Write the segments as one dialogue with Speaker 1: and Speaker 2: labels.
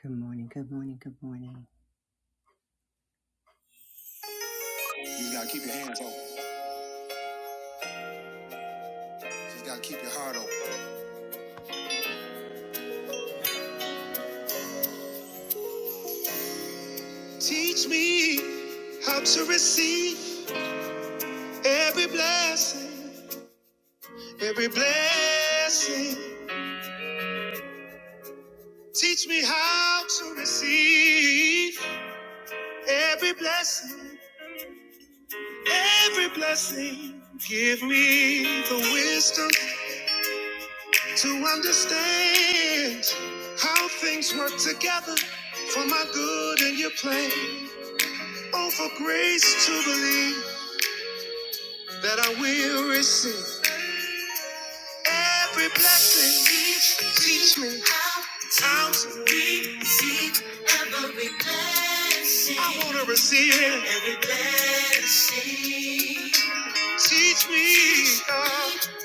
Speaker 1: Good morning, good morning, good morning. You just gotta keep your hands open. You just gotta keep your heart open. Teach me how to receive every blessing, every blessing. Teach me how to receive every blessing, every blessing. Give me the wisdom to understand how things work together for my good and your plan. Oh, for grace to believe. that I will receive every blessing. Teach me how to receive every blessing. I want to receive it. Every blessing. Teach me, God,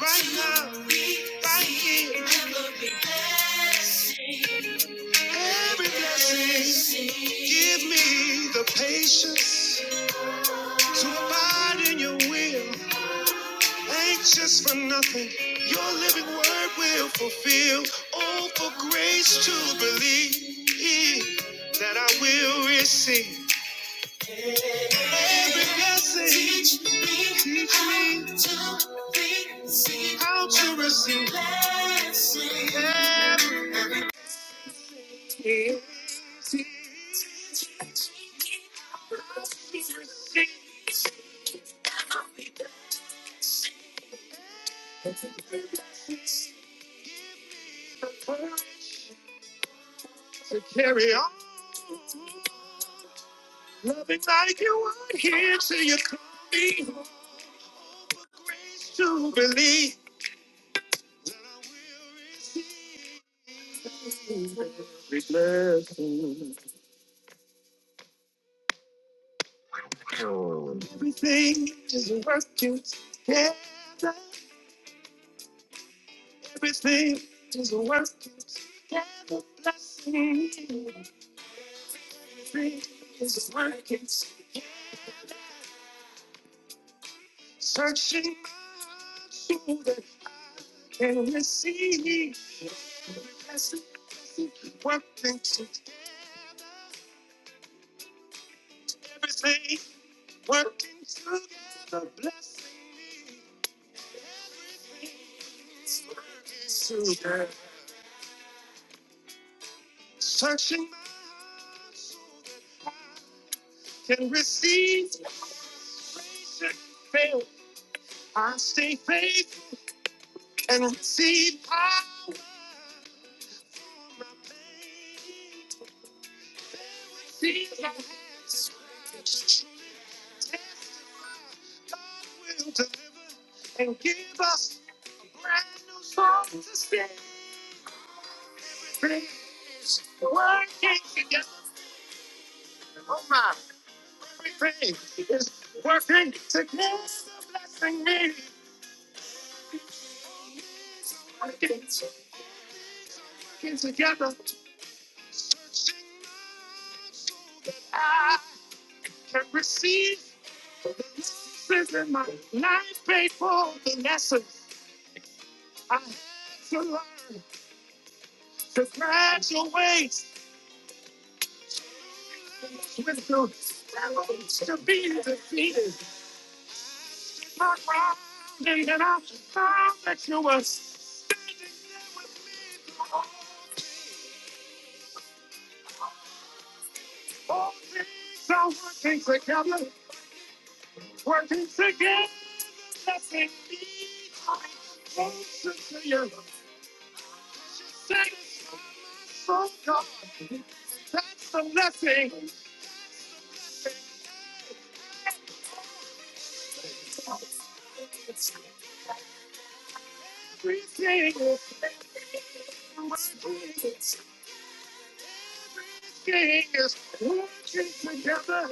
Speaker 1: right now, right here. Every blessing. Every blessing. Give me the patience to abide in your will. Anxious for nothing, your living word will fulfill. Oh, for grace to believe that I will receive every blessing. Teach me, Teach me how to receive, how to receive blessings. To carry on loving like you are here till you call me to believe every blessing. Everything is working together. Everything is working together. Blessing. Everything is working. Searching so that can receive. Blessing, blessing, working together. Everything working together. Blessings working together. Searching can receive. Praise and Fail. I stay faithful. And receive power. My pain, Receive my hands raised. Test my will to live and give us a brand new song to sing. Pray, working together. Oh my, every prayer is working to bless and save. Working together, I can receive the lessons in my life paid for the lessons I had to learn. to graduate with the challenge to be defeated. Not rounding and I found that you were all things are working together, working together to be closer to you. Thank you so God. That's the blessing. Everything is working together.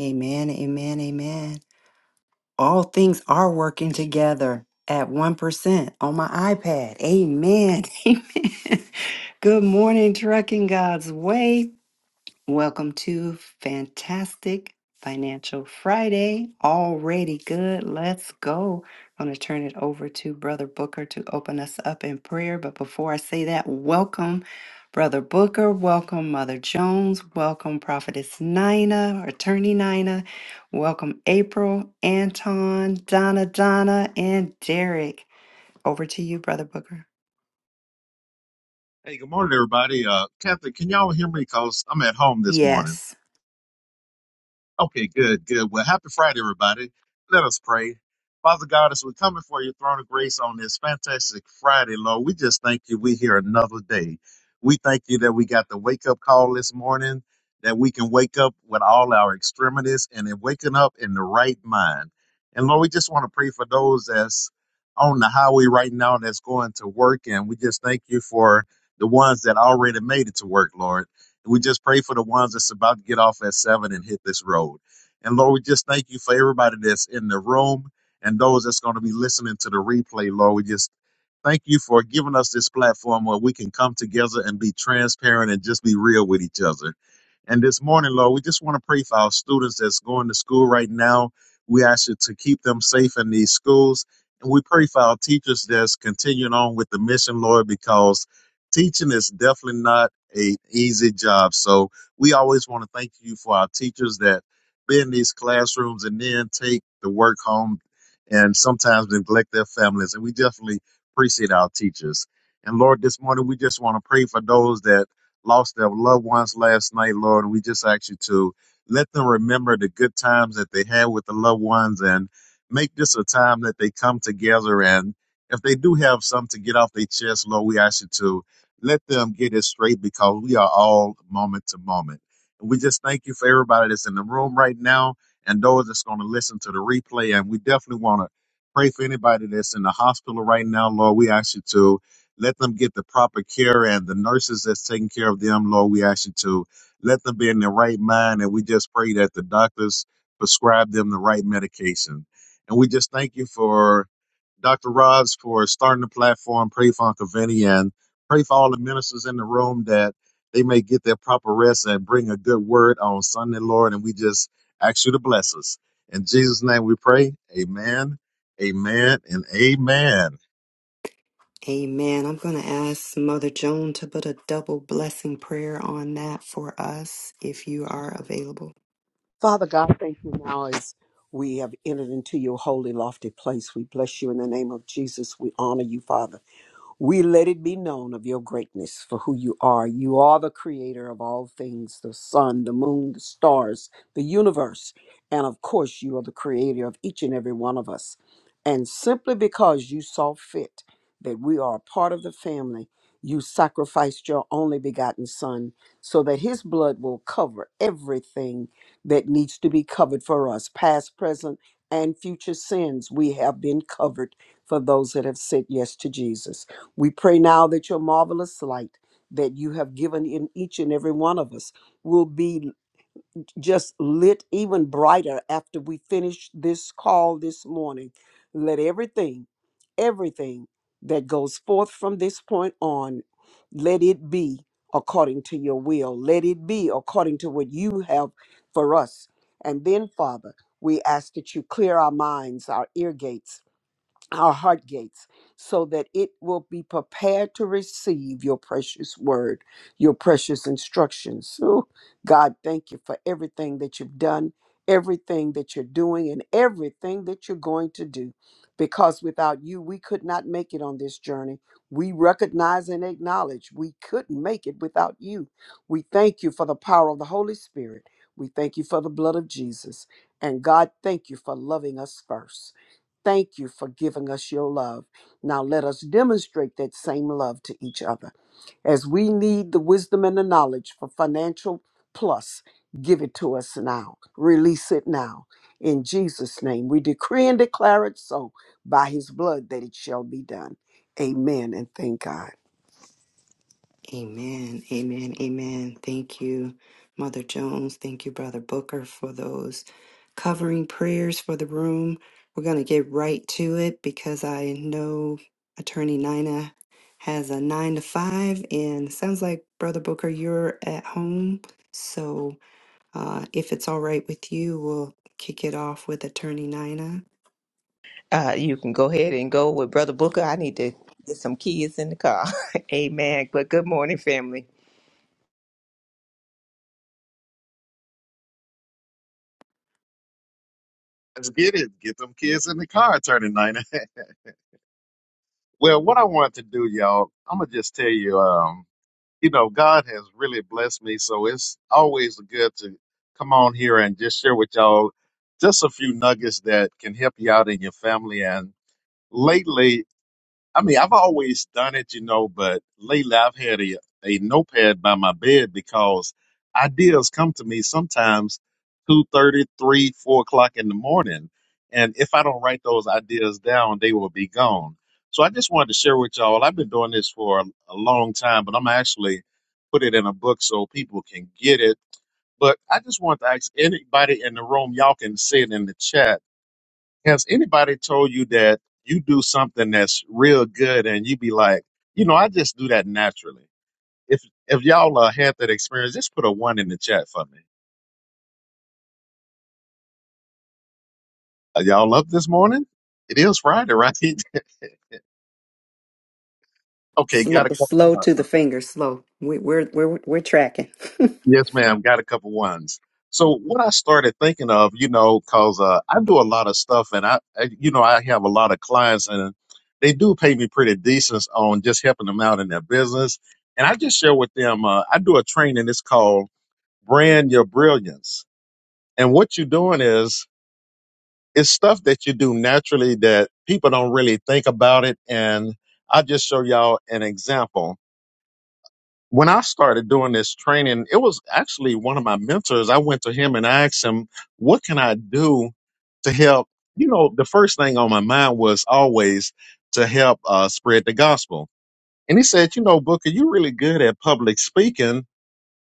Speaker 1: Amen, amen, amen. all things are working together at 1% on my iPad. Amen. Amen. Good morning, Trucking God's Way. Welcome to Fantastic Financial Friday. Already good. Let's go. I'm going to turn it over to Brother Booker to open us up in prayer. But before I say that, welcome, Brother Booker. Welcome, Mother Jones. Welcome, Prophetess Nina, Attorney Nina. Welcome, April, Anton, Donna, Donna, and Derek. Over to you, Brother Booker.
Speaker 2: Hey, good morning, everybody. Uh, Catherine, can y'all hear me? Cause I'm at home this morning.
Speaker 1: Yes.
Speaker 2: Okay, good, good. Well, happy Friday, everybody. Let us pray. Father God, as we come before your throne of grace on this fantastic Friday, Lord, we just thank you. We're here another day. We thank you that we got the wake up call this morning, that we can wake up with all our extremities and then waking up in the right mind. And Lord, we just want to pray for those that's on the highway right now that's going to work. And we just thank you for the ones that already made it to work, Lord. We just pray for the ones that's about to get off at seven and hit this road. And Lord, we just thank you for everybody that's in the room and those that's going to be listening to the replay. Lord, we just thank you for giving us this platform where we can come together and be transparent and just be real with each other. And this morning, Lord, we just want to pray for our students that's going to school right now. We ask you to keep them safe in these schools. And we pray for our teachers that's continuing on with the mission, Lord, because teaching is definitely not a easy job. So we always want to thank you for our teachers that be in these classrooms and then take the work home and sometimes neglect their families. And we definitely appreciate our teachers. And Lord, this morning we just want to pray for those that lost their loved ones last night, Lord. And we just ask you to let them remember the good times that they had with the loved ones and make this a time that they come together and if they do have something to get off their chest, Lord, we ask you to let them get it straight because we are all moment to moment. And we just thank you for everybody that's in the room right now and those that's going to listen to the replay. And we definitely want to pray for anybody that's in the hospital right now, Lord. We ask you to let them get the proper care and the nurses that's taking care of them, Lord. We ask you to let them be in their right mind. And we just pray that the doctors prescribe them the right medication. And we just thank you for Dr. Robs for starting the platform, Pray for Uncle Vinny, and Pray for all the ministers in the room that they may get their proper rest and bring a good word on Sunday, Lord. And we just ask you to bless us. In Jesus' name we pray. Amen, amen, and amen.
Speaker 1: Amen. I'm going to ask Mother Joan to put a double blessing prayer on that for us if you are available.
Speaker 3: Father God, thank you now as we have entered into your holy, lofty place. We bless you in the name of Jesus. We honor you, Father. We let it be known of your greatness for who you are. You are the creator of all things the sun, the moon, the stars, the universe. And of course, you are the creator of each and every one of us. And simply because you saw fit that we are a part of the family, you sacrificed your only begotten son so that his blood will cover everything that needs to be covered for us, past, present, and future sins. We have been covered for those that have said yes to Jesus. We pray now that your marvelous light that you have given in each and every one of us will be just lit even brighter after we finish this call this morning. Let everything, everything that goes forth from this point on, let it be according to your will. Let it be according to what you have for us. And then, Father, we ask that you clear our minds, our ear gates our heart gates so that it will be prepared to receive your precious word, your precious instructions. Ooh, God, thank you for everything that you've done, everything that you're doing, and everything that you're going to do. Because without you, we could not make it on this journey. We recognize and acknowledge we couldn't make it without you. We thank you for the power of the Holy Spirit. We thank you for the blood of Jesus. And God, thank you for loving us first. Thank you for giving us your love. Now let us demonstrate that same love to each other. As we need the wisdom and the knowledge for financial plus, give it to us now. Release it now. In Jesus' name, we decree and declare it so by his blood that it shall be done. Amen and thank God.
Speaker 1: Amen. Amen. Amen. Thank you, Mother Jones. Thank you, Brother Booker, for those covering prayers for the room. We're going to get right to it because I know Attorney Nina has a nine to five, and sounds like, Brother Booker, you're at home. So Uh, if it's all right with you, we'll kick it off with Attorney Nina.
Speaker 4: Uh, you can go ahead and go with Brother Booker. I need to get some kids in the car. Amen. But good morning, family.
Speaker 2: Let's get it. Get them kids in the car, Attorney Nina. well, what I want to do, y'all, I'm going to just tell you, um, you know, God has really blessed me. So it's always good to come on here and just share with y'all just a few nuggets that can help you out in your family. And lately, I mean, I've always done it, you know, but lately I've had a, a notepad by my bed because ideas come to me sometimes two thirty, three, 4 o'clock in the morning. And if I don't write those ideas down, they will be gone. So I just wanted to share with y'all. I've been doing this for a, a long time, but I'm actually put it in a book so people can get it. But I just want to ask anybody in the room, y'all can say it in the chat has anybody told you that you do something that's real good and you be like, you know, I just do that naturally? If if y'all uh, had that experience, just put a one in the chat for me. Are y'all up this morning? It is Friday, right? okay,
Speaker 1: Slow,
Speaker 2: got a couple.
Speaker 1: slow
Speaker 2: ones.
Speaker 1: to the finger, slow. We, we're we're we're tracking.
Speaker 2: yes, ma'am, got a couple ones. So what I started thinking of, you know, cause uh, I do a lot of stuff, and I, I, you know, I have a lot of clients, and they do pay me pretty decent on just helping them out in their business. And I just share with them. Uh, I do a training. It's called brand your brilliance. And what you're doing is it's stuff that you do naturally that people don't really think about it. And I'll just show y'all an example. When I started doing this training, it was actually one of my mentors. I went to him and I asked him, what can I do to help? You know, the first thing on my mind was always to help uh, spread the gospel. And he said, you know, Booker, you're really good at public speaking.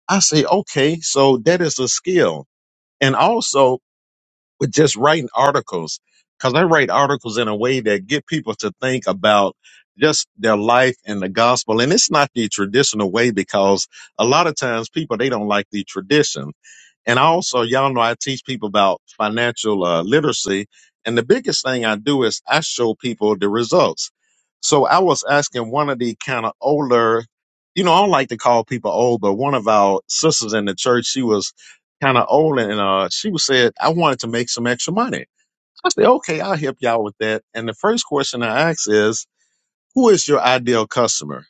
Speaker 2: I say, okay, so that is a skill. And also with just writing articles because I write articles in a way that get people to think about just their life and the gospel. And it's not the traditional way because a lot of times people, they don't like the tradition. And also, y'all know I teach people about financial uh, literacy. And the biggest thing I do is I show people the results. So I was asking one of the kind of older, you know, I don't like to call people old, but one of our sisters in the church, she was kind of old and uh, she was said, I wanted to make some extra money. I said, okay, I'll help y'all with that. And the first question I asked is, who is your ideal customer?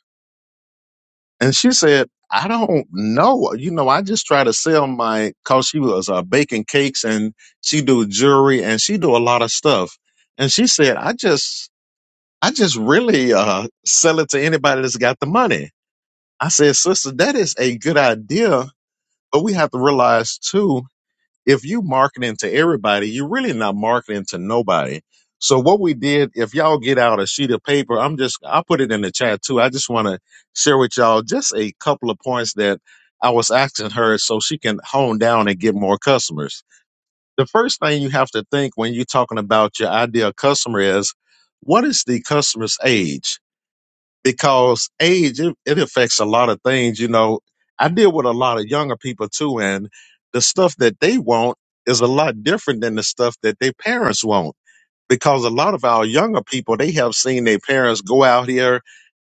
Speaker 2: And she said, I don't know. You know, I just try to sell my cause she was uh, baking cakes and she do jewelry and she do a lot of stuff. And she said, I just, I just really uh, sell it to anybody that's got the money. I said, sister, that is a good idea, but we have to realize too if you marketing to everybody, you're really not marketing to nobody. So what we did, if y'all get out a sheet of paper, I'm just I put it in the chat too. I just want to share with y'all just a couple of points that I was asking her so she can hone down and get more customers. The first thing you have to think when you're talking about your ideal customer is what is the customer's age? because age it, it affects a lot of things you know i deal with a lot of younger people too and the stuff that they want is a lot different than the stuff that their parents want because a lot of our younger people they have seen their parents go out here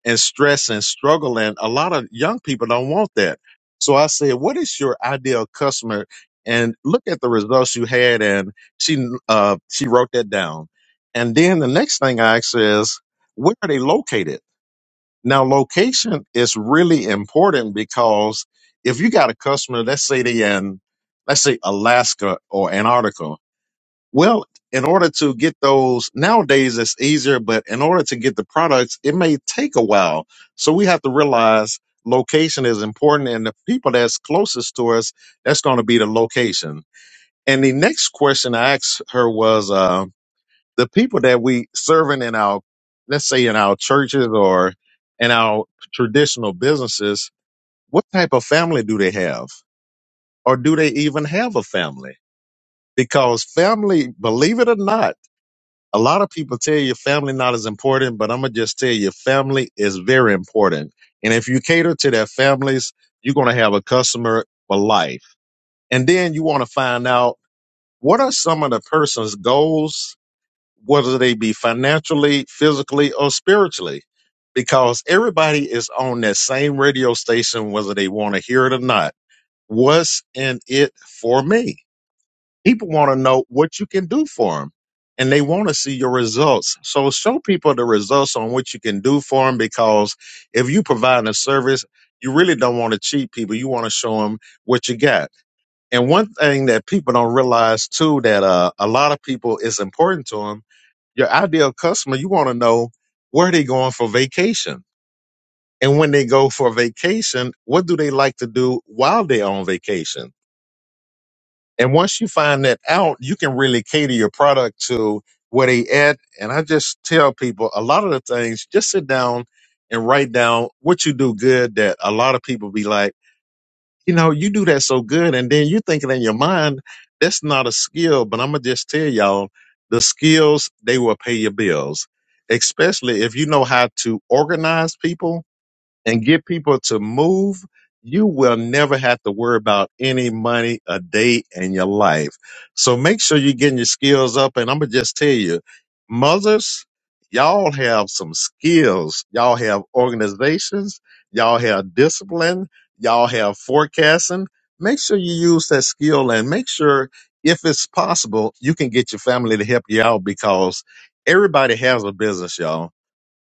Speaker 2: and stress and struggle and a lot of young people don't want that so i said what is your ideal customer and look at the results you had and she uh she wrote that down and then the next thing i asked her is where are they located now, location is really important because if you got a customer, let's say they in, let's say Alaska or Antarctica, well, in order to get those nowadays, it's easier, but in order to get the products, it may take a while. So we have to realize location is important and the people that's closest to us, that's going to be the location. And the next question I asked her was, uh, the people that we serving in our let's say in our churches or in our traditional businesses what type of family do they have or do they even have a family because family believe it or not a lot of people tell you family not as important but i'm gonna just tell you family is very important and if you cater to their families you're gonna have a customer for life and then you want to find out what are some of the person's goals whether they be financially, physically, or spiritually, because everybody is on that same radio station, whether they want to hear it or not. What's in it for me? People want to know what you can do for them and they want to see your results. So show people the results on what you can do for them because if you provide a service, you really don't want to cheat people. You want to show them what you got. And one thing that people don't realize too, that uh, a lot of people is important to them your ideal customer, you want to know where they going for vacation. And when they go for vacation, what do they like to do while they're on vacation? And once you find that out, you can really cater your product to where they at. And I just tell people a lot of the things, just sit down and write down what you do good that a lot of people be like, you know, you do that so good, and then you thinking in your mind, that's not a skill. But I'm gonna just tell y'all, the skills they will pay your bills, especially if you know how to organize people and get people to move, you will never have to worry about any money a day in your life. So make sure you're getting your skills up. And I'm going to just tell you, mothers, y'all have some skills. Y'all have organizations. Y'all have discipline. Y'all have forecasting. Make sure you use that skill and make sure if it's possible, you can get your family to help you out because everybody has a business, y'all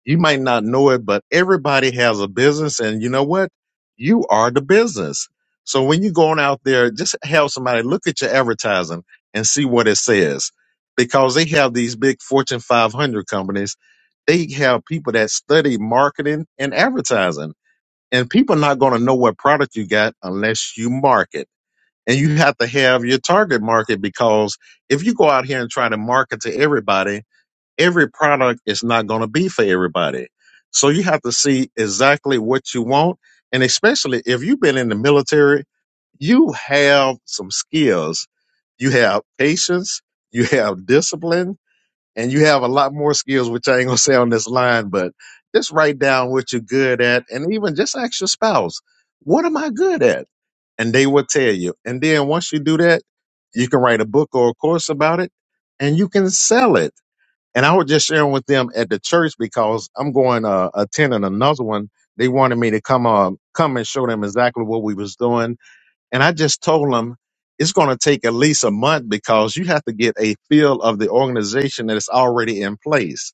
Speaker 2: you might not know it, but everybody has a business, and you know what? You are the business. So when you're going out there, just have somebody look at your advertising and see what it says, because they have these big Fortune 500 companies. They have people that study marketing and advertising, and people are not going to know what product you got unless you market. And you have to have your target market because if you go out here and try to market to everybody every product is not going to be for everybody. So you have to see exactly what you want. And especially if you've been in the military, you have some skills. You have patience, you have discipline, and you have a lot more skills, which I ain't going to say on this line, but just write down what you're good at. And even just ask your spouse, what am I good at? And they will tell you. And then once you do that, you can write a book or a course about it and you can sell it and I was just sharing with them at the church because I'm going uh, attending another one. They wanted me to come uh, come and show them exactly what we was doing, and I just told them it's going to take at least a month because you have to get a feel of the organization that's already in place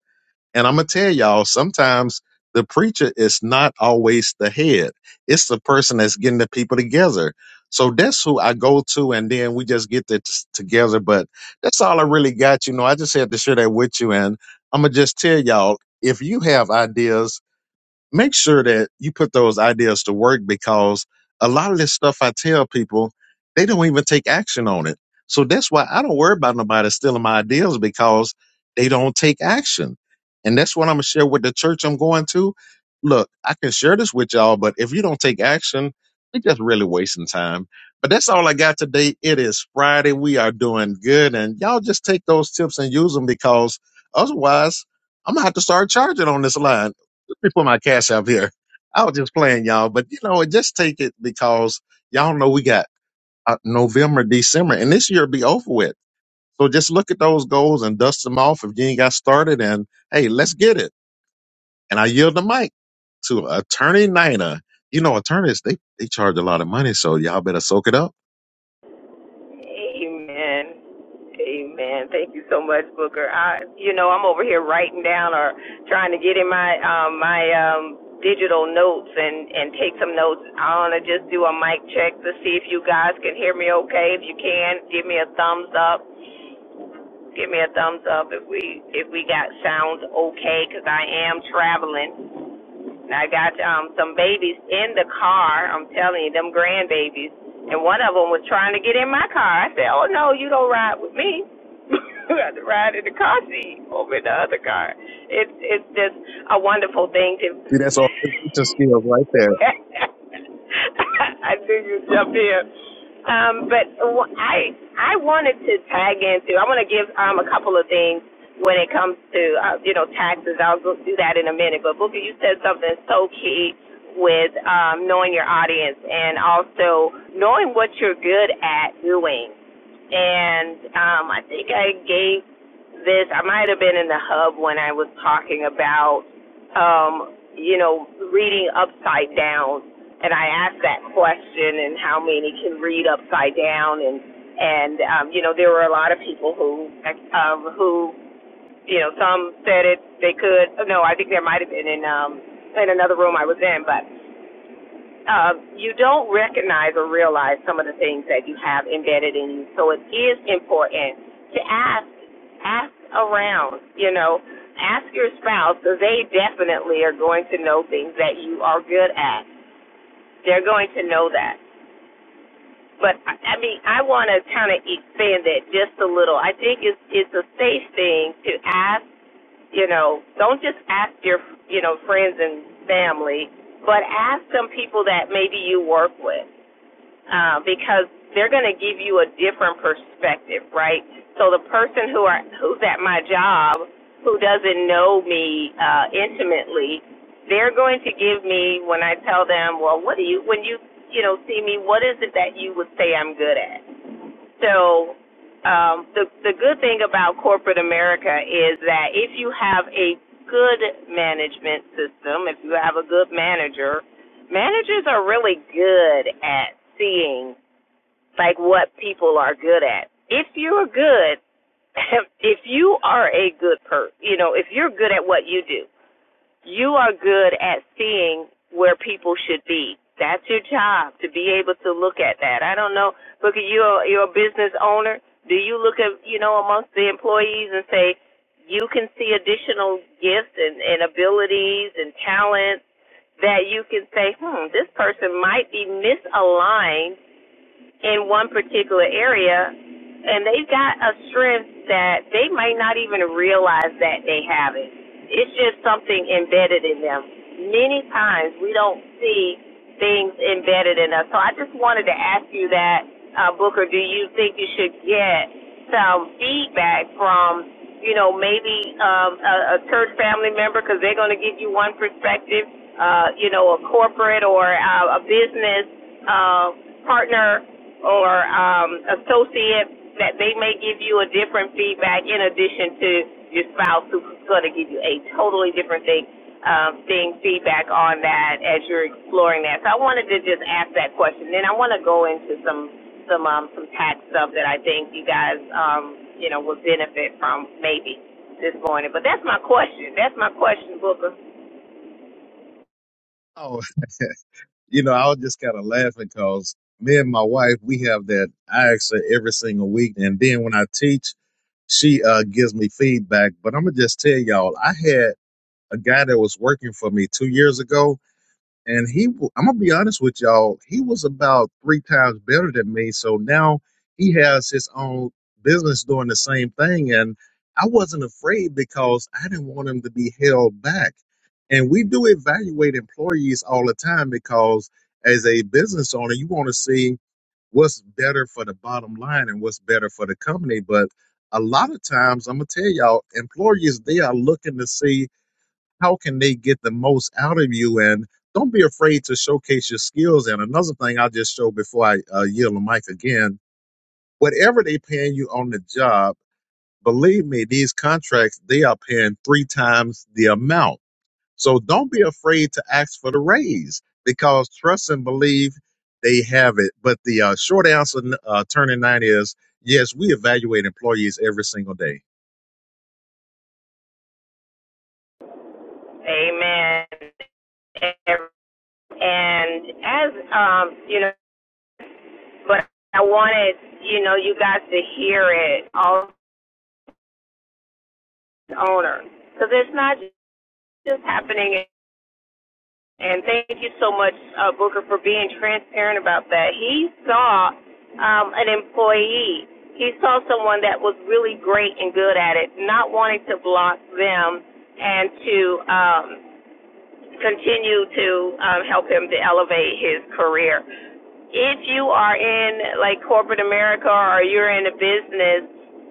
Speaker 2: and I'm gonna tell y'all, sometimes the preacher is not always the head. It's the person that's getting the people together. So that's who I go to, and then we just get it together. But that's all I really got. You know, I just had to share that with you, and I'm gonna just tell y'all if you have ideas make sure that you put those ideas to work because a lot of this stuff I tell people, they don't even take action on it. So that's why I don't worry about nobody stealing my ideas because they don't take action. And that's what I'm gonna share with the church I'm going to. Look, I can share this with y'all, but if you don't take action, we're just really wasting time. But that's all I got today. It is Friday. We are doing good. And y'all just take those tips and use them because otherwise I'm gonna have to start charging on this line. Let me put my cash up here. I was just playing y'all, but you know, just take it because y'all know we got uh, November, December, and this year be over with. So just look at those goals and dust them off if you ain't got started. And hey, let's get it. And I yield the mic to Attorney Nina. You know, attorneys they they charge a lot of money, so y'all better soak it up.
Speaker 4: Amen. Amen. Thank you so much, Booker. I, you know, I'm over here writing down or trying to get in my um, my um, digital notes and and take some notes. I want to just do a mic check to see if you guys can hear me okay. If you can, give me a thumbs up. Give me a thumbs up if we if we got sounds okay because I am traveling. I got um some babies in the car. I'm telling you, them grandbabies. And one of them was trying to get in my car. I said, "Oh no, you don't ride with me. you have to ride in the car seat over in the other car." It's it's just a wonderful thing to
Speaker 2: See, that's all presentation skills right there.
Speaker 4: I knew you'd jump here. Um, but I I wanted to tag into. I want to give um a couple of things when it comes to uh, you know taxes. I'll go do that in a minute. But Booker, you said something so key with um knowing your audience and also knowing what you're good at doing and um, I think I gave this. I might have been in the hub when I was talking about, um, you know, reading upside down, and I asked that question and how many can read upside down, and and um, you know, there were a lot of people who um, who you know, some said it they could. No, I think there might have been in um, in another room I was in, but uh, you don't recognize or realize some of the things that you have embedded in you. So it is important to ask, ask around, you know, ask your spouse because they definitely are going to know things that you are good at. They're going to know that. But I I mean, I want to kind of expand that just a little. I think it's it's a safe thing to ask. You know, don't just ask your you know friends and family, but ask some people that maybe you work with uh, because they're going to give you a different perspective, right? So the person who are who's at my job, who doesn't know me uh, intimately, they're going to give me when I tell them, well, what do you when you you know see me, what is it that you would say I'm good at? So um, the the good thing about corporate America is that if you have a good management system, if you have a good manager, managers are really good at seeing like what people are good at. If you're good, if you are a good person, you know, if you're good at what you do, you are good at seeing where people should be. That's your job to be able to look at that. I don't know, Look at you you're a business owner. Do you look at you know amongst the employees and say you can see additional gifts and, and abilities and talents that you can say, hmm, this person might be misaligned in one particular area, and they've got a strength that they might not even realize that they have it. It's just something embedded in them. Many times we don't see things embedded in us. So I just wanted to ask you that, uh, Booker, do you think you should get some feedback from, you know, maybe um, a, a church family member because they're going to give you one perspective, uh, you know, a corporate or uh, a business uh, partner or um, associate that they may give you a different feedback in addition to your spouse who's going to give you a totally different thing um, thing feedback on that as you're exploring that. So I wanted to just ask that question. Then I want to go into some some um, some tax stuff that I think you guys um, you know would benefit from maybe this morning. But that's my question. That's my question, Booker.
Speaker 2: Oh, you know, I was just kind of laughing because me and my wife, we have that I accent every single week. And then when I teach. she uh, gives me feedback. But I'm gonna just tell y'all, I had a guy that was working for me two years ago, and he, w- I'm gonna be honest with y'all, he was about three times better than me. So now he has his own business doing the same thing, and I wasn't afraid because I didn't want him to be held back. And we do evaluate employees all the time because as a business owner, you want to see what's better for the bottom line and what's better for the company. But a lot of times, I'm gonna tell y'all, employees they are looking to see how can they get the most out of you, and don't be afraid to showcase your skills. And another thing I'll just show before I uh, yield the mic again: whatever they paying you on the job, believe me, these contracts they are paying three times the amount. So don't be afraid to ask for the raise because trust and believe they have it. But the uh, short answer, uh, turning nine, is yes, we evaluate employees every single day.
Speaker 4: Amen and as um, you know. but I wanted, you know, you guys to hear it, all the owners, because it's not just happening. And thank you so much, uh, Booker, for being transparent about that. He saw um, an employee. He saw someone that was really great and good at it, not wanting to block them and to um, continue to um, help him to elevate his career. If you are in like corporate America or you're in a business,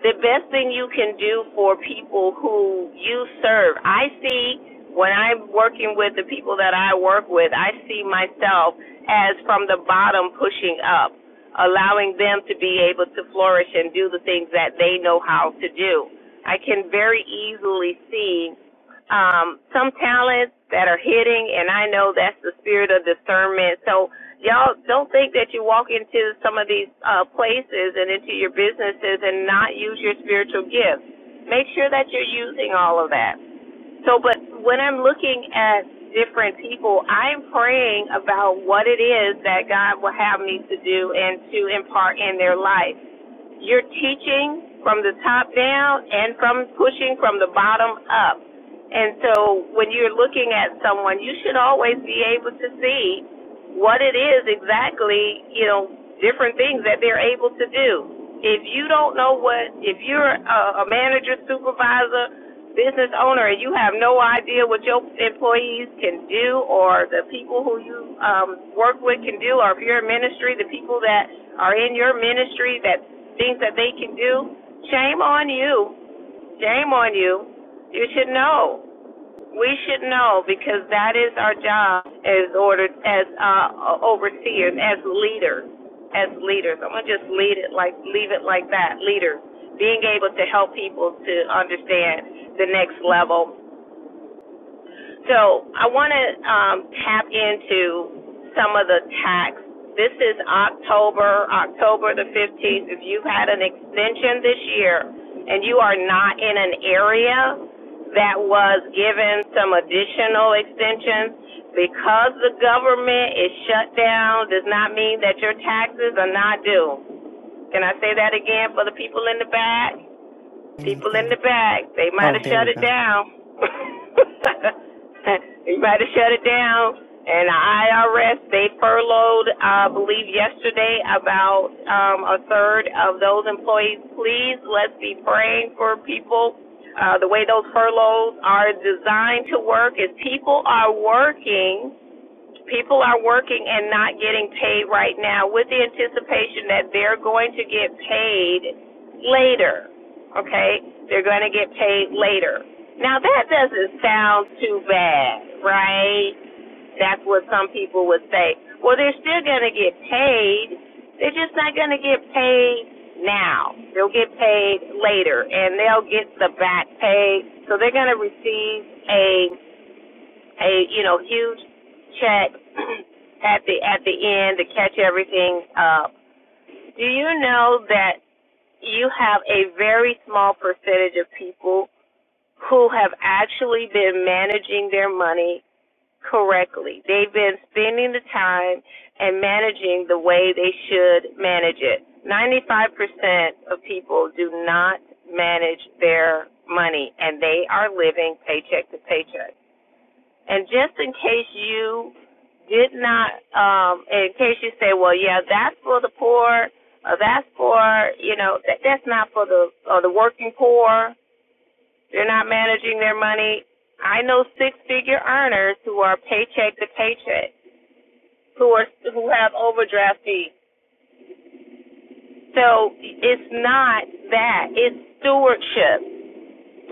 Speaker 4: the best thing you can do for people who you serve, I see when I'm working with the people that I work with, I see myself as from the bottom pushing up, allowing them to be able to flourish and do the things that they know how to do. I can very easily see um, some talents that are hitting, and I know that's the spirit of discernment. So y'all don't think that you walk into some of these uh, places and into your businesses and not use your spiritual gifts. Make sure that you're using all of that. So, but when I'm looking at different people, I'm praying about what it is that God will have me to do and to impart in their life. You're teaching from the top down and from pushing from the bottom up. And so when you're looking at someone, you should always be able to see what it is exactly, you know, different things that they're able to do. If you don't know what, if you're a, a manager, supervisor, business owner and you have no idea what your employees can do or the people who you um, work with can do or if you're a ministry, the people that are in your ministry that things that they can do, shame on you. Shame on you. You should know. We should know because that is our job as ordered as uh, overseers, as leaders, as leaders. I'm gonna just lead it like leave it like that. Leaders being able to help people to understand the next level so I want to um, tap into some of the tax. This is October, October the 15th. If you've had an extension this year and you are not in an area that was given some additional extensions, because the government is shut down does not mean that your taxes are not due. Can I say that again for the people in the back? People in the
Speaker 1: Anything?
Speaker 4: back, they might
Speaker 1: Oh,
Speaker 4: have
Speaker 1: there
Speaker 4: shut
Speaker 1: we
Speaker 4: it
Speaker 1: go.
Speaker 4: down. they might have shut it down. And the IRS, they furloughed, I uh, believe yesterday, about um, a third of those employees. Please, let's be praying for people. Uh, the way those furloughs are designed to work is people are working People are working and not getting paid right now with the anticipation that they're going to get paid later. Okay? They're going to get paid later. Now, that doesn't sound too bad, right? That's what some people would say. Well, they're still going to get paid. They're just not going to get paid now. They'll get paid later, and they'll get the back pay. So they're going to receive a a you know huge check at the at the end to catch everything up. Do you know that you have a very small percentage of people who have actually been managing their money correctly? They've been spending the time and managing the way they should manage it. 95% of people do not manage their money and they are living paycheck to paycheck. And just in case you did not, um, in case you say, well, yeah, that's for the poor, or that's for, you know, that, that's not for the uh, the working poor. They're not managing their money. I know six-figure earners who are paycheck to paycheck, who are who have overdraft fees. So it's not that. It's stewardship.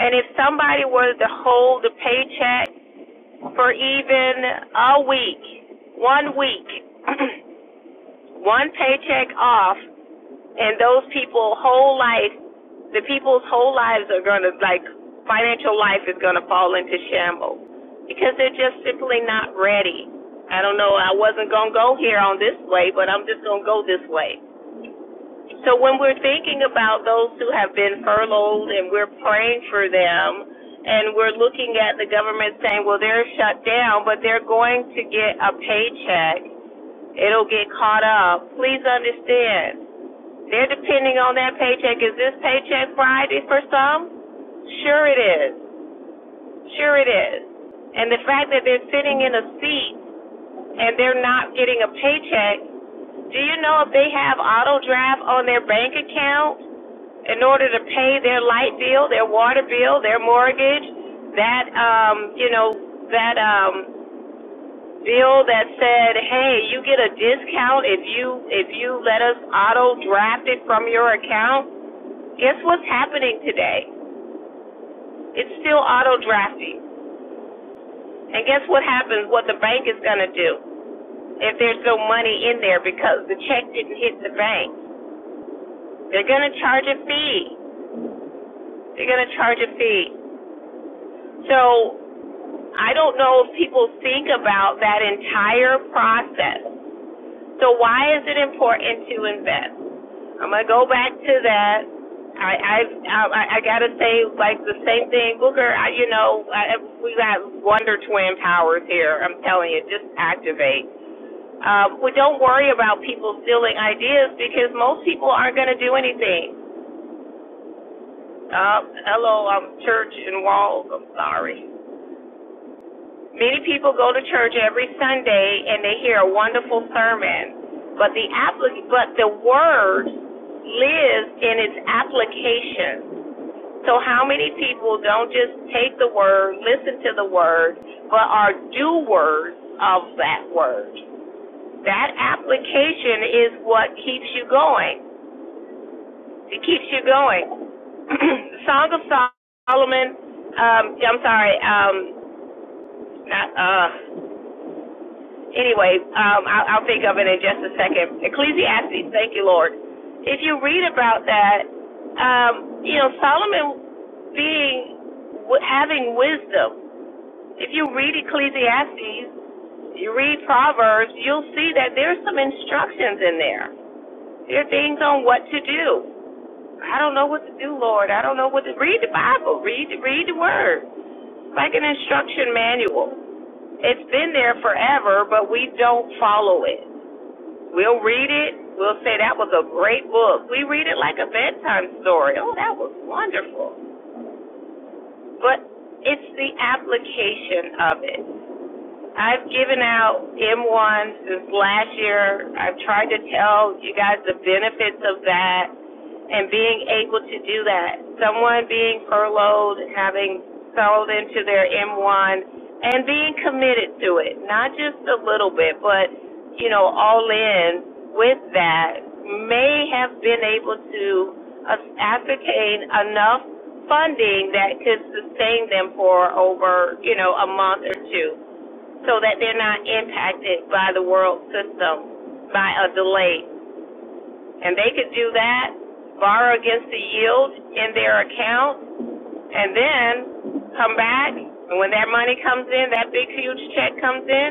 Speaker 4: And if somebody were to hold the paycheck for even a week, one week. one paycheck off, and those people whole life, the people's whole lives are gonna like financial life is gonna fall into shambles because they're just simply not ready. I don't know. I wasn't gonna go here on this way, but I'm just gonna go this way. So when we're thinking about those who have been furloughed and we're praying for them and we're looking at the government saying, well, they're shut down, but they're going to get a paycheck. It'll get caught up. Please understand. They're depending on that paycheck. Is this paycheck Friday for some? Sure it is. Sure it is. And the fact that they're sitting in a seat and they're not getting a paycheck, do you know if they have auto draft on their bank account? in order to pay their light bill, their water bill, their mortgage, that um, you know, that um bill that said, "Hey, you get a discount if you if you let us auto draft it from your account." Guess what's happening today? It's still auto drafting. And guess what happens what the bank is going to do if there's no money in there because the check didn't hit the bank? They're going to charge a fee. They're going to charge a fee. So I don't know if people think about that entire process. So why is it important to invest? I'm gonna go back to that. I I I, I gotta say like the same thing, Booker. I, you know, I, we got wonder twin powers here. I'm telling you, just activate. Um, we don't worry about people stealing ideas because most people aren't gonna do anything. Uh, hello, I'm church and walls. I'm sorry. Many people go to church every Sunday and they hear a wonderful sermon, but the applic- but the word lives in its application. So how many people don't just take the word, listen to the word, but are doers of that word? That application is what keeps you going. It keeps you going. Song of Solomon, um, I'm sorry, um, not, uh, Anyway, um, I'll, I'll think of it in just a second. Ecclesiastes, thank you, Lord. If you read about that, um, you know Solomon being having wisdom. If you read Ecclesiastes, you read Proverbs, you'll see that there's some instructions in there. There are things on what to do. I don't know what to do, Lord. I don't know what to read the Bible. Read read the Word It's like an instruction manual. It's been there forever, but we don't follow it. We'll read it. We'll say that was a great book. We read it like a bedtime story. Oh, that was wonderful. But it's the application of it. I've given out M1 since last year. I've tried to tell you guys the benefits of that and being able to do that. Someone being furloughed, having sold into their M1, and being committed to it, not just a little bit, but, you know, all in with that, may have been able to uh, ascertain enough funding that could sustain them for over, you know, a month or two so that they're not impacted by the world system by a delay. And they could do that, borrow against the yield in their account, and then come back. And when that money comes in, that big, huge check comes in,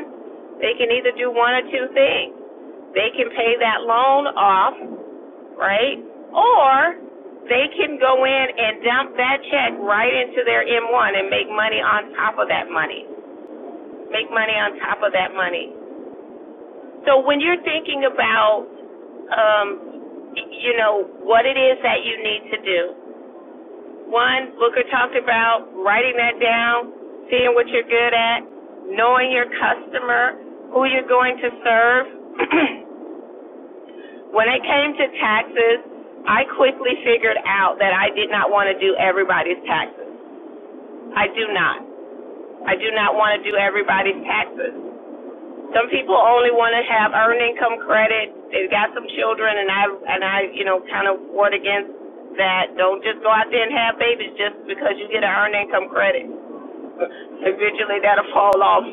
Speaker 4: they can either do one or two things. They can pay that loan off, right? Or they can go in and dump that check right into their M1 and make money on top of that money. Make money on top of that money. So when you're thinking about, um, you know, what it is that you need to do, one, Booker talked about writing that down, seeing what you're good at, knowing your customer, who you're going to serve. when it came to taxes, I quickly figured out that I did not want to do everybody's taxes. I do not. I do not want to do everybody's taxes. Some people only want to have earned income credit. They've got some children, and I and I, you know, kind of ward against that. Don't just go out there and have babies just because you get an earned income credit eventually that'll fall off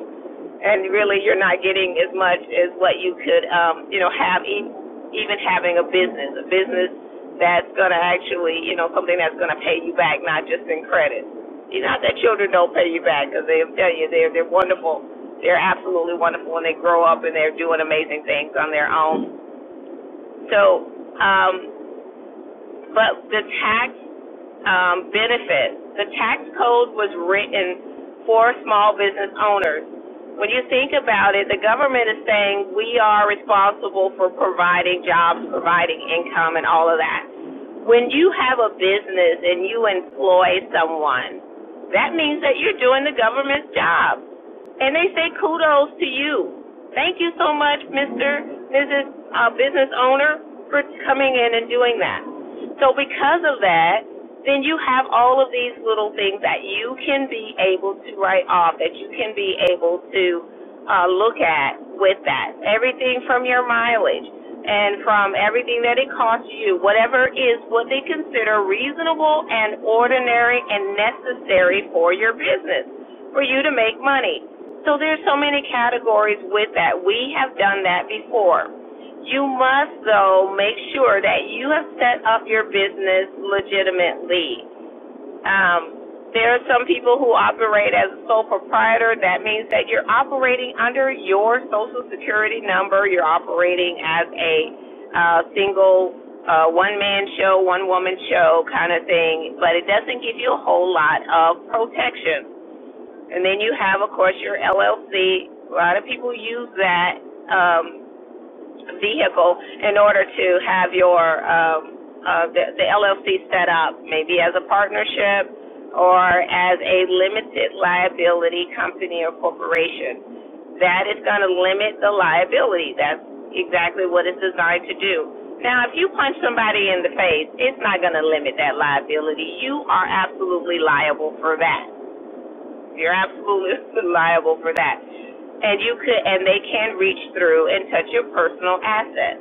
Speaker 4: and really you're not getting as much as what you could um you know have e- even having a business a business that's going to actually you know something that's going to pay you back not just in credit you know not that children don't pay you back because they'll tell you they're they're wonderful they're absolutely wonderful when they grow up and they're doing amazing things on their own so um but the tax um, benefits. The tax code was written for small business owners. When you think about it, the government is saying we are responsible for providing jobs, providing income, and all of that. When you have a business and you employ someone, that means that you're doing the government's job and they say kudos to you. Thank you so much, Mr. Mrs. Uh, business owner, for coming in and doing that. So because of that, then you have all of these little things that you can be able to write off, that you can be able to uh, look at with that. Everything from your mileage and from everything that it costs you, whatever is what they consider reasonable and ordinary and necessary for your business, for you to make money. So there's so many categories with that. We have done that before. You must though make sure that you have set up your business legitimately. Um, there are some people who operate as a sole proprietor. That means that you're operating under your social security number. You're operating as a uh, single uh, one man show, one woman show kind of thing, but it doesn't give you a whole lot of protection. And then you have, of course, your LLC. A lot of people use that um, vehicle in order to have your um, uh, the, the LLC set up, maybe as a partnership or as a limited liability company or corporation. That is going to limit the liability. That's exactly what it's designed to do. Now, if you punch somebody in the face, it's not going to limit that liability. You are absolutely liable for that. You're absolutely liable for that. And you could, and they can reach through and touch your personal assets.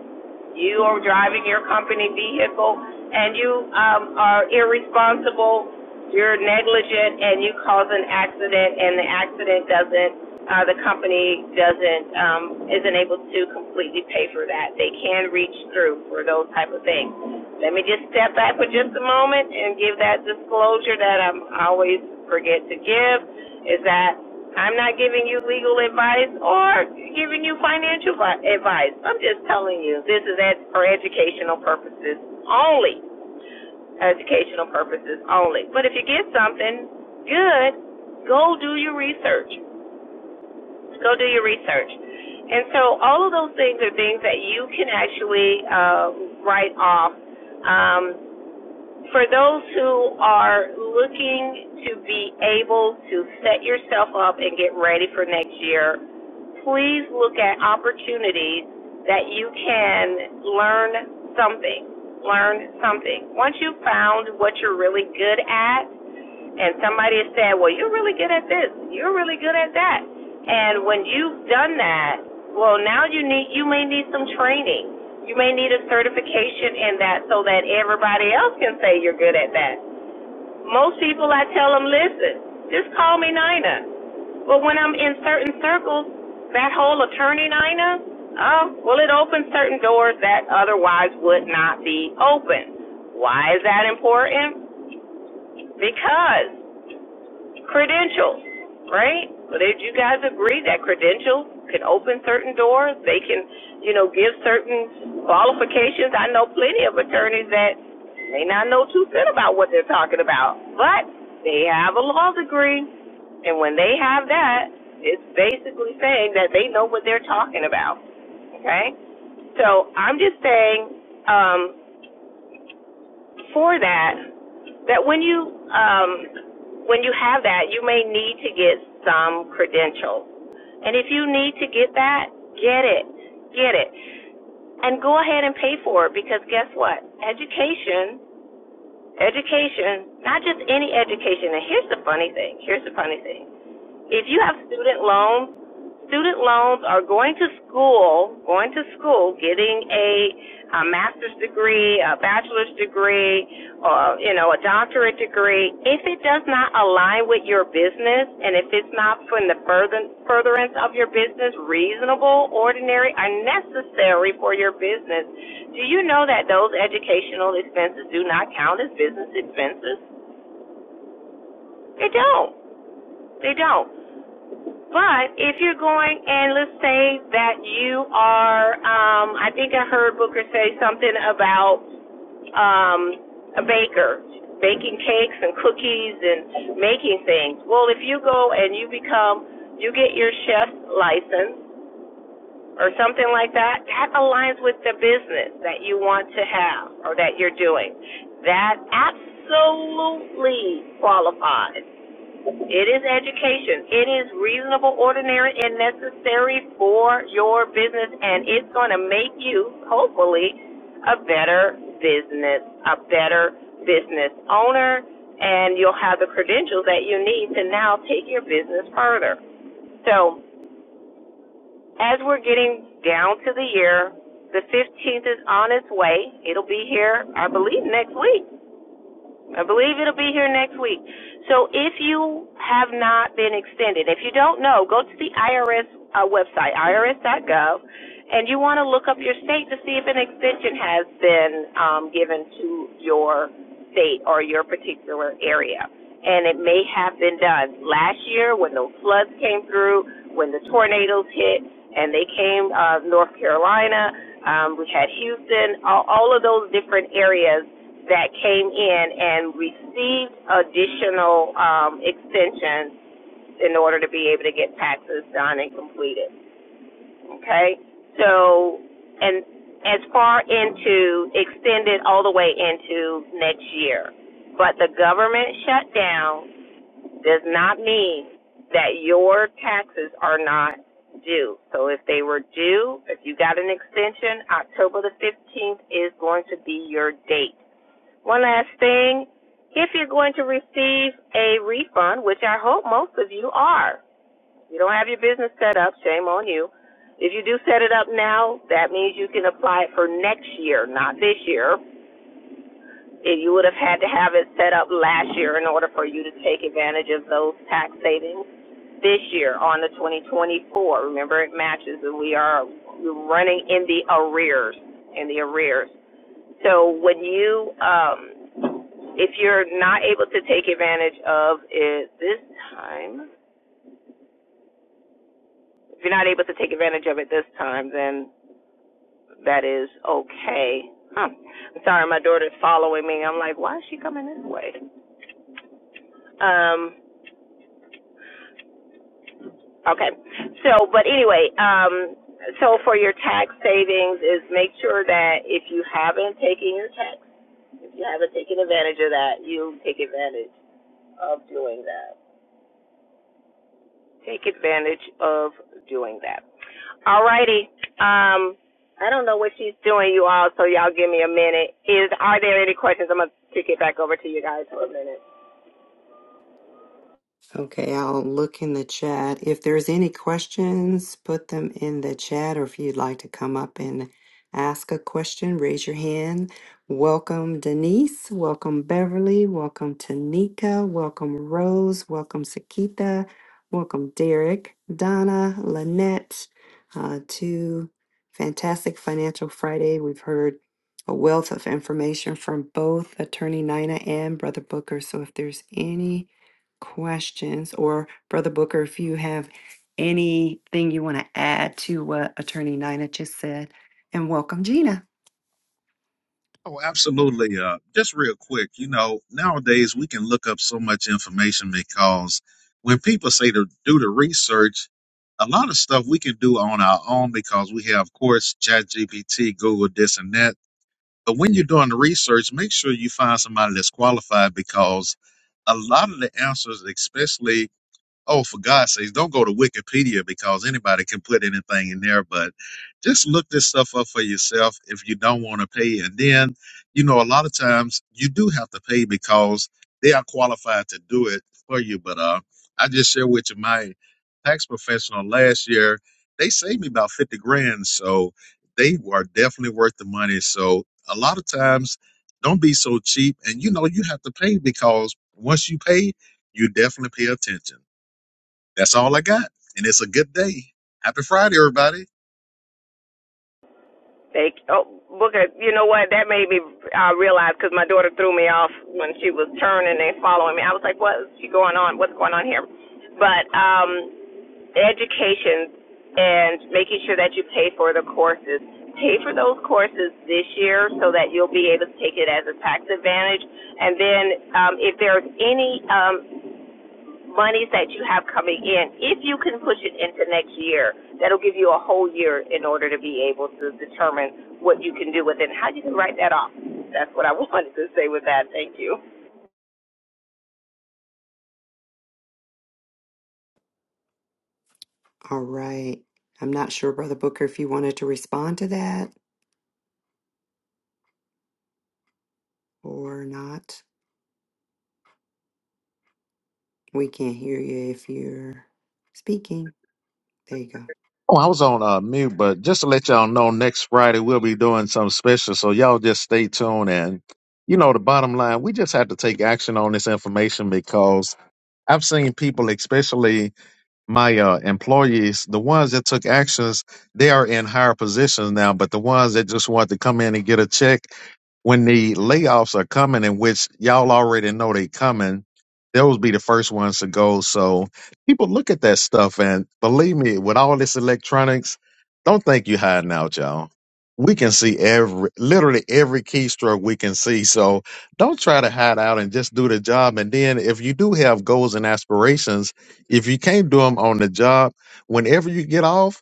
Speaker 4: You are driving your company vehicle and you um, are irresponsible, you're negligent, and you cause an accident, and the accident doesn't, uh, the company doesn't, um, isn't able to completely pay for that. They can reach through for those type of things. Let me just step back for just a moment and give that disclosure that i I always forget to give is that I'm not giving you legal advice or giving you financial vi- advice. I'm just telling you this is ed- for educational purposes only. Educational purposes only. But if you get something good, go do your research. Go do your research. And so all of those things are things that you can actually uh, write off. Um, for those who are looking to be able to set yourself up and get ready for next year, please look at opportunities that you can learn something. Learn something. Once you've found what you're really good at, and somebody is saying, well, you're really good at this, you're really good at that. And when you've done that, well, now you need, you may need some training. You may need a certification in that so that everybody else can say you're good at that. Most people, I tell them, listen, just call me Nina. But when I'm in certain circles, that whole attorney Nina, oh, well, it opens certain doors that otherwise would not be open. Why is that important? Because credentials, right? Would you guys agree that credentials can open certain doors? They can, you know, give certain qualifications. I know plenty of attorneys that may not know too cent about what they're talking about, but they have a law degree, and when they have that, it's basically saying that they know what they're talking about. Okay, so I'm just saying. Um, for that that when you um, when you have that, you may need to get some credentials. And if you need to get that, get it, get it, and go ahead and pay for it because guess what? Education, education, not just any education. And here's the funny thing. Here's the funny thing. If you have student loans, student loans are going to school, going to school, getting a, a master's degree, a bachelor's degree, or, you know, a doctorate degree. If it does not align with your business and if it's not for the further, furtherance of your business, reasonable, ordinary, or necessary for your business, do you know that those educational expenses do not count as business expenses? They don't. They don't. But if you're going and let's say that you are, um, I think I heard Booker say something about um, a baker baking cakes and cookies and making things. Well, if you go and you become, you get your chef's license or something like that, that aligns with the business that you want to have or that you're doing. That absolutely qualifies it is education. It is reasonable, ordinary, and necessary for your business, and it's going to make you, hopefully, a better business, a better business owner, and you'll have the credentials that you need to now take your business further. So, as we're getting down to the year, the 15th is on its way. It'll be here, I believe, next week. I believe it'll be here next week. So if you have not been extended, if you don't know, go to the IRS uh, website, irs.gov, and you want to look up your state to see if an extension has been um, given to your state or your particular area. And it may have been done last year when those floods came through, when the tornadoes hit, and they came uh, North Carolina. Um, we had Houston, all, all of those different areas that came in and received additional um, extensions in order to be able to get taxes done and completed. Okay, so and as far into extended all the way into next year, but the government shutdown does not mean that your taxes are not due. So if they were due, if you got an extension, October the 15th is going to be your date one last thing. If you're going to receive a refund, which I hope most of you are, you don't have your business set up, shame on you. If you do set it up now, that means you can apply it for next year, not this year. If you would have had to have it set up last year in order for you to take advantage of those tax savings this year on the 2024. Remember, it matches, and we are running in the arrears, in the arrears. So when you, um, if you're not able to take advantage of it this time, if you're not able to take advantage of it this time, then that is okay. Huh. I'm sorry, my daughter's following me. I'm like, why is she coming this way? Um, okay. So, but anyway, um, so for your tax savings is make sure that if you haven't taken your tax, if you haven't taken advantage of that, you take advantage of doing that. take advantage of doing that. Alrighty. Um, I don't know what she's doing, you all, so y'all give me a minute. Is are there any questions? I'm gonna kick it back over to you guys for a minute.
Speaker 1: Okay, I'll look in the chat. If there's any questions, put them in the chat, or if you'd like to come up and ask a question, raise your hand. Welcome, Denise. Welcome, Beverly. Welcome, Tanika. Welcome, Rose. Welcome, Sakita. Welcome, Derek, Donna, Lynette, uh, to Fantastic Financial Friday. We've heard a wealth of information from both Attorney Nina and Brother Booker. So if there's any questions, or Brother Booker, if you have anything you want to add to what Attorney Nina just said, and welcome Gina.
Speaker 2: Oh, absolutely. Uh, just real quick, you know, nowadays we can look up so much information because when people say to do the research, a lot of stuff we can do on our own because we have, of course, ChatGPT, Google, this and that But when you're doing the research, make sure you find somebody that's qualified because a lot of the answers, especially oh, for God's sakes, don't go to Wikipedia because anybody can put anything in there, but just look this stuff up for yourself if you don't want to pay. And then, you know, a lot of times you do have to pay because they are qualified to do it for you. But uh, I just share with you my tax professional last year, they saved me about 50 grand. So they are definitely worth the money. So a lot of times, don't be so cheap. And, you know, you have to pay because once you pay, you definitely pay attention. That's all I got. And it's a good day. Happy Friday, everybody.
Speaker 4: Thank oh Booker, you know what? That made me uh, realize because my daughter threw me off when she was turning and following me. I was like, "What's she going on? What's going on here?" But um, education and making sure that you pay for the courses. Pay for those courses this year so that you'll be able to take it as a tax advantage. And then um, if there's any um, monies that you have coming in, if you can push it into next year, that'll give you a whole year in order to be able to determine what you can do with it and how you can write that off. That's what I wanted to say with that. Thank you.
Speaker 1: All right. I'm not sure, Brother Booker, if you wanted to respond to that or not. We can't hear you if you're speaking. There you go.
Speaker 2: Oh, I was on uh, mute, but just to let y'all know, next Friday we'll be doing something special. So y'all just stay tuned. And, you know, the bottom line, we just have to take action on this information because I've seen people, especially. my uh, employees, the ones that took actions, they are in higher positions now. But the ones that just want to come in and get a check, when the layoffs are coming, in which y'all already know they coming, those be the first ones to go. So people look at that stuff, and believe me, with all this electronics, don't think you hiding out, y'all. We can see every, literally every keystroke we can see. So don't try to hide out and just do the job. And then if you do have goals and aspirations if you can't do them on the job, whenever you get off,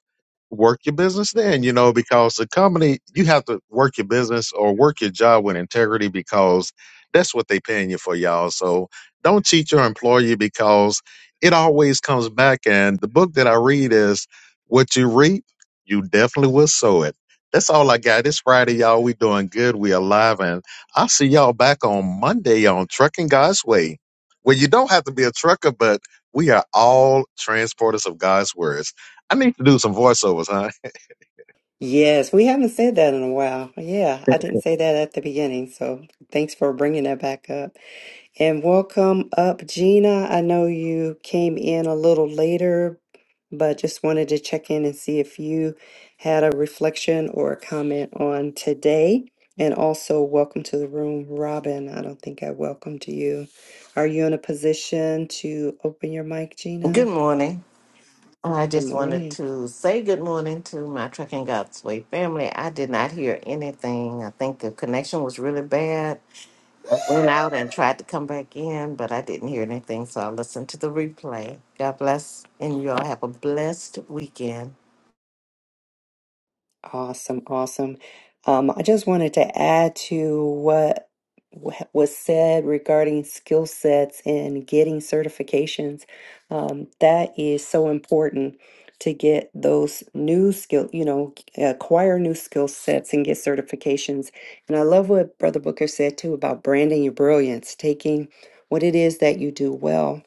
Speaker 2: work your business then, you know, because the company, you have to work your business or work your job with integrity because that's what they paying you for, y'all. So don't cheat your employer because it always comes back. And the book that I read is what you reap, you definitely will sow it. That's all I got. It's Friday, y'all. We doing good. We alive. And I'll see y'all back on Monday on Trucking God's Way. Well, you don't have to be a trucker, but we are all transporters of God's words. I need to do some voiceovers, huh?
Speaker 1: Yes, we haven't said that in a while. Yeah, I didn't say that at the beginning, so thanks for bringing that back up. And welcome up, Gina. I know you came in a little later, but just wanted to check in and see if you had a reflection or a comment on today. And also, welcome to the room, Robin. I don't think I welcomed you. Are you in a position to open your mic,
Speaker 5: Well, Good
Speaker 1: Gina?
Speaker 5: morning. I
Speaker 1: Good
Speaker 5: just wanted
Speaker 1: morning.
Speaker 5: to say good morning to my Trucking God's Way family. I did not hear anything. I think the connection was really bad. I went out and tried to come back in, but I didn't hear anything, so I listened to the replay. God bless, and you all have a blessed weekend.
Speaker 1: Awesome, awesome. Um, I just wanted to add to what wha- was said regarding skill sets and getting certifications. Um, that is so important to get those new skill, you know, acquire new skill sets and get certifications. And I love what Brother Booker said too about branding your brilliance, taking what it is that you do well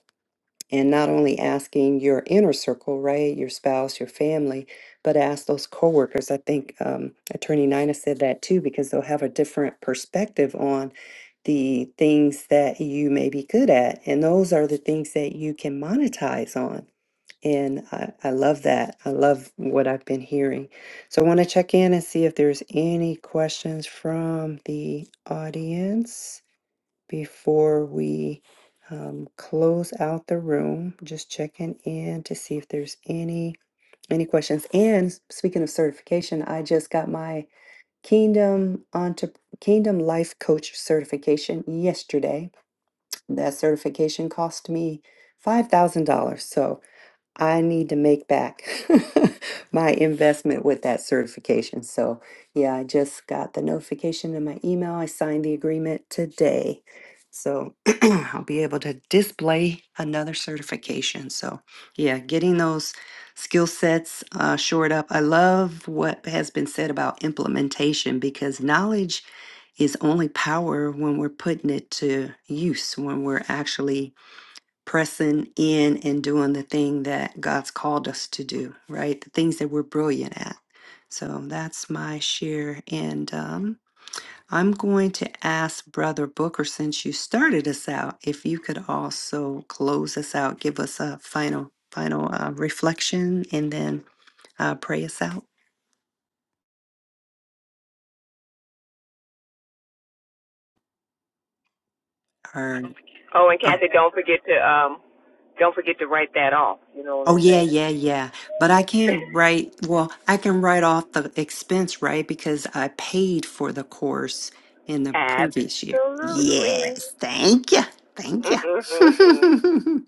Speaker 1: and not only asking your inner circle, right, your spouse, your family, but ask those coworkers. I think um, Attorney Nina said that too, because they'll have a different perspective on the things that you may be good at, and those are the things that you can monetize on. And I, I love that. I love what I've been hearing. So I want to check in and see if there's any questions from the audience before we um, close out the room just checking in to see if there's any any questions and speaking of certification i just got my kingdom onto kingdom life coach certification yesterday that certification cost me $5000 so I need to make back my investment with that certification. So, yeah, I just got the notification in my email. I signed the agreement today. So, I'll be able to display another certification. So, yeah, getting those skill sets uh, shored up. I love what has been said about implementation because knowledge is only power when we're putting it to use, when we're actually pressing in and doing the thing that God's called us to do, right? The things that we're brilliant at. So that's my share. And um, I'm going to ask Brother Booker, since you started us out, if you could also close us out, give us a final, final uh, reflection, and then uh, pray us out. Or,
Speaker 4: Oh, and
Speaker 1: or
Speaker 4: Kathy, don't forget to um, don't forget to write that off. You know what
Speaker 1: Oh
Speaker 4: I'm
Speaker 1: yeah, yeah,
Speaker 4: saying?
Speaker 1: yeah. But I can't write, well, I can write off the expense, right? Because I paid for the course in the previous year.
Speaker 4: Absolutely.
Speaker 1: Yes, thank you. Thank you.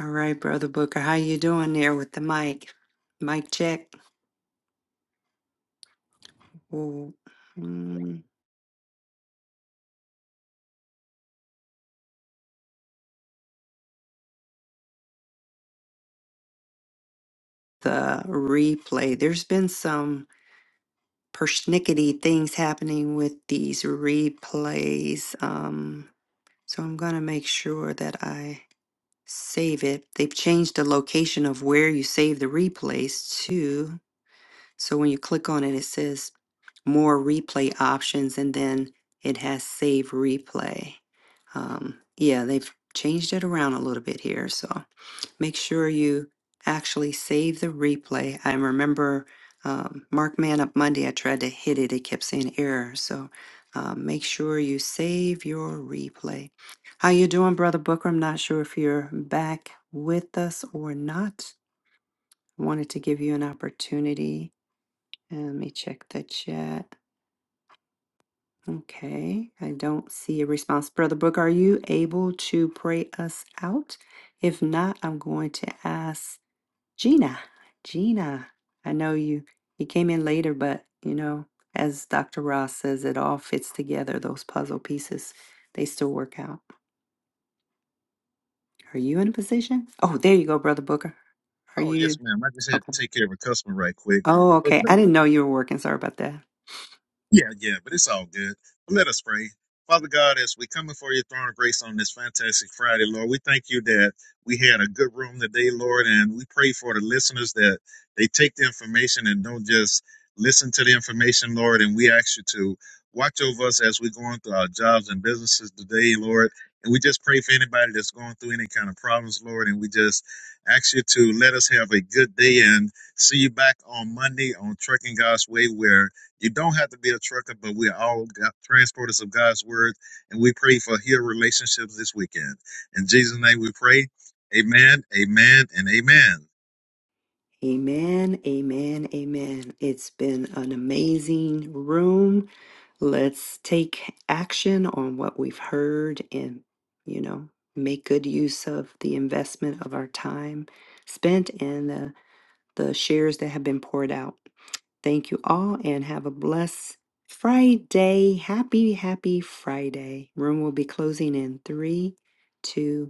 Speaker 1: All right, brother Booker, how you doing there with the mic? Mic check. Ooh, mm, the replay. There's been some persnickety things happening with these replays. Um, so I'm gonna make sure that I save it, they've changed the location of where you save the replays to. So when you click on it, it says more replay options and then it has save replay. Um, yeah, they've changed it around a little bit here. So make sure you actually save the replay. I remember um, Mark Man Up Monday, I tried to hit it, it kept saying error. So um, make sure you save your replay. How you doing, Brother Booker? I'm not sure if you're back with us or not. Wanted to give you an opportunity. Uh, Let me check the chat. Okay, I don't see a response. Brother Booker, are you able to pray us out? If not, I'm going to ask Gina, Gina, I know you you came in later, but you know, as Dr. Ross says, it all fits together. Those puzzle pieces, they still work out. Are you in a position? Oh, there you go, Brother Booker. Are
Speaker 2: Oh yes,
Speaker 1: you
Speaker 2: ma'am. I just had
Speaker 1: okay?
Speaker 2: to take care of a customer right quick.
Speaker 1: Oh,
Speaker 2: But
Speaker 1: okay. I didn't know you were working. Sorry about that.
Speaker 2: Yeah, yeah, but it's all good. Let us pray. Father God, as we come before your throne of grace on this fantastic Friday, Lord, we thank you that we had a good room today, Lord, and we pray for the listeners that they take the information and don't just listen to the information, Lord, and we ask you to watch over us as we're going through our jobs and businesses today, Lord. And we just pray for anybody that's going through any kind of problems, Lord, and we just ask you to let us have a good day and see you back on Monday on Trucking God's Way where you don't have to be a trucker, but we're all got transporters of God's word, and we pray for healed relationships this weekend. In Jesus' name we pray. Amen, amen, and amen.
Speaker 1: Amen, amen, amen. It's been an amazing room. Let's take action on what we've heard and, you know, make good use of the investment of our time spent and the, the shares that have been poured out. Thank you all and have a blessed Friday. Happy, happy Friday. Room will be closing in three, two.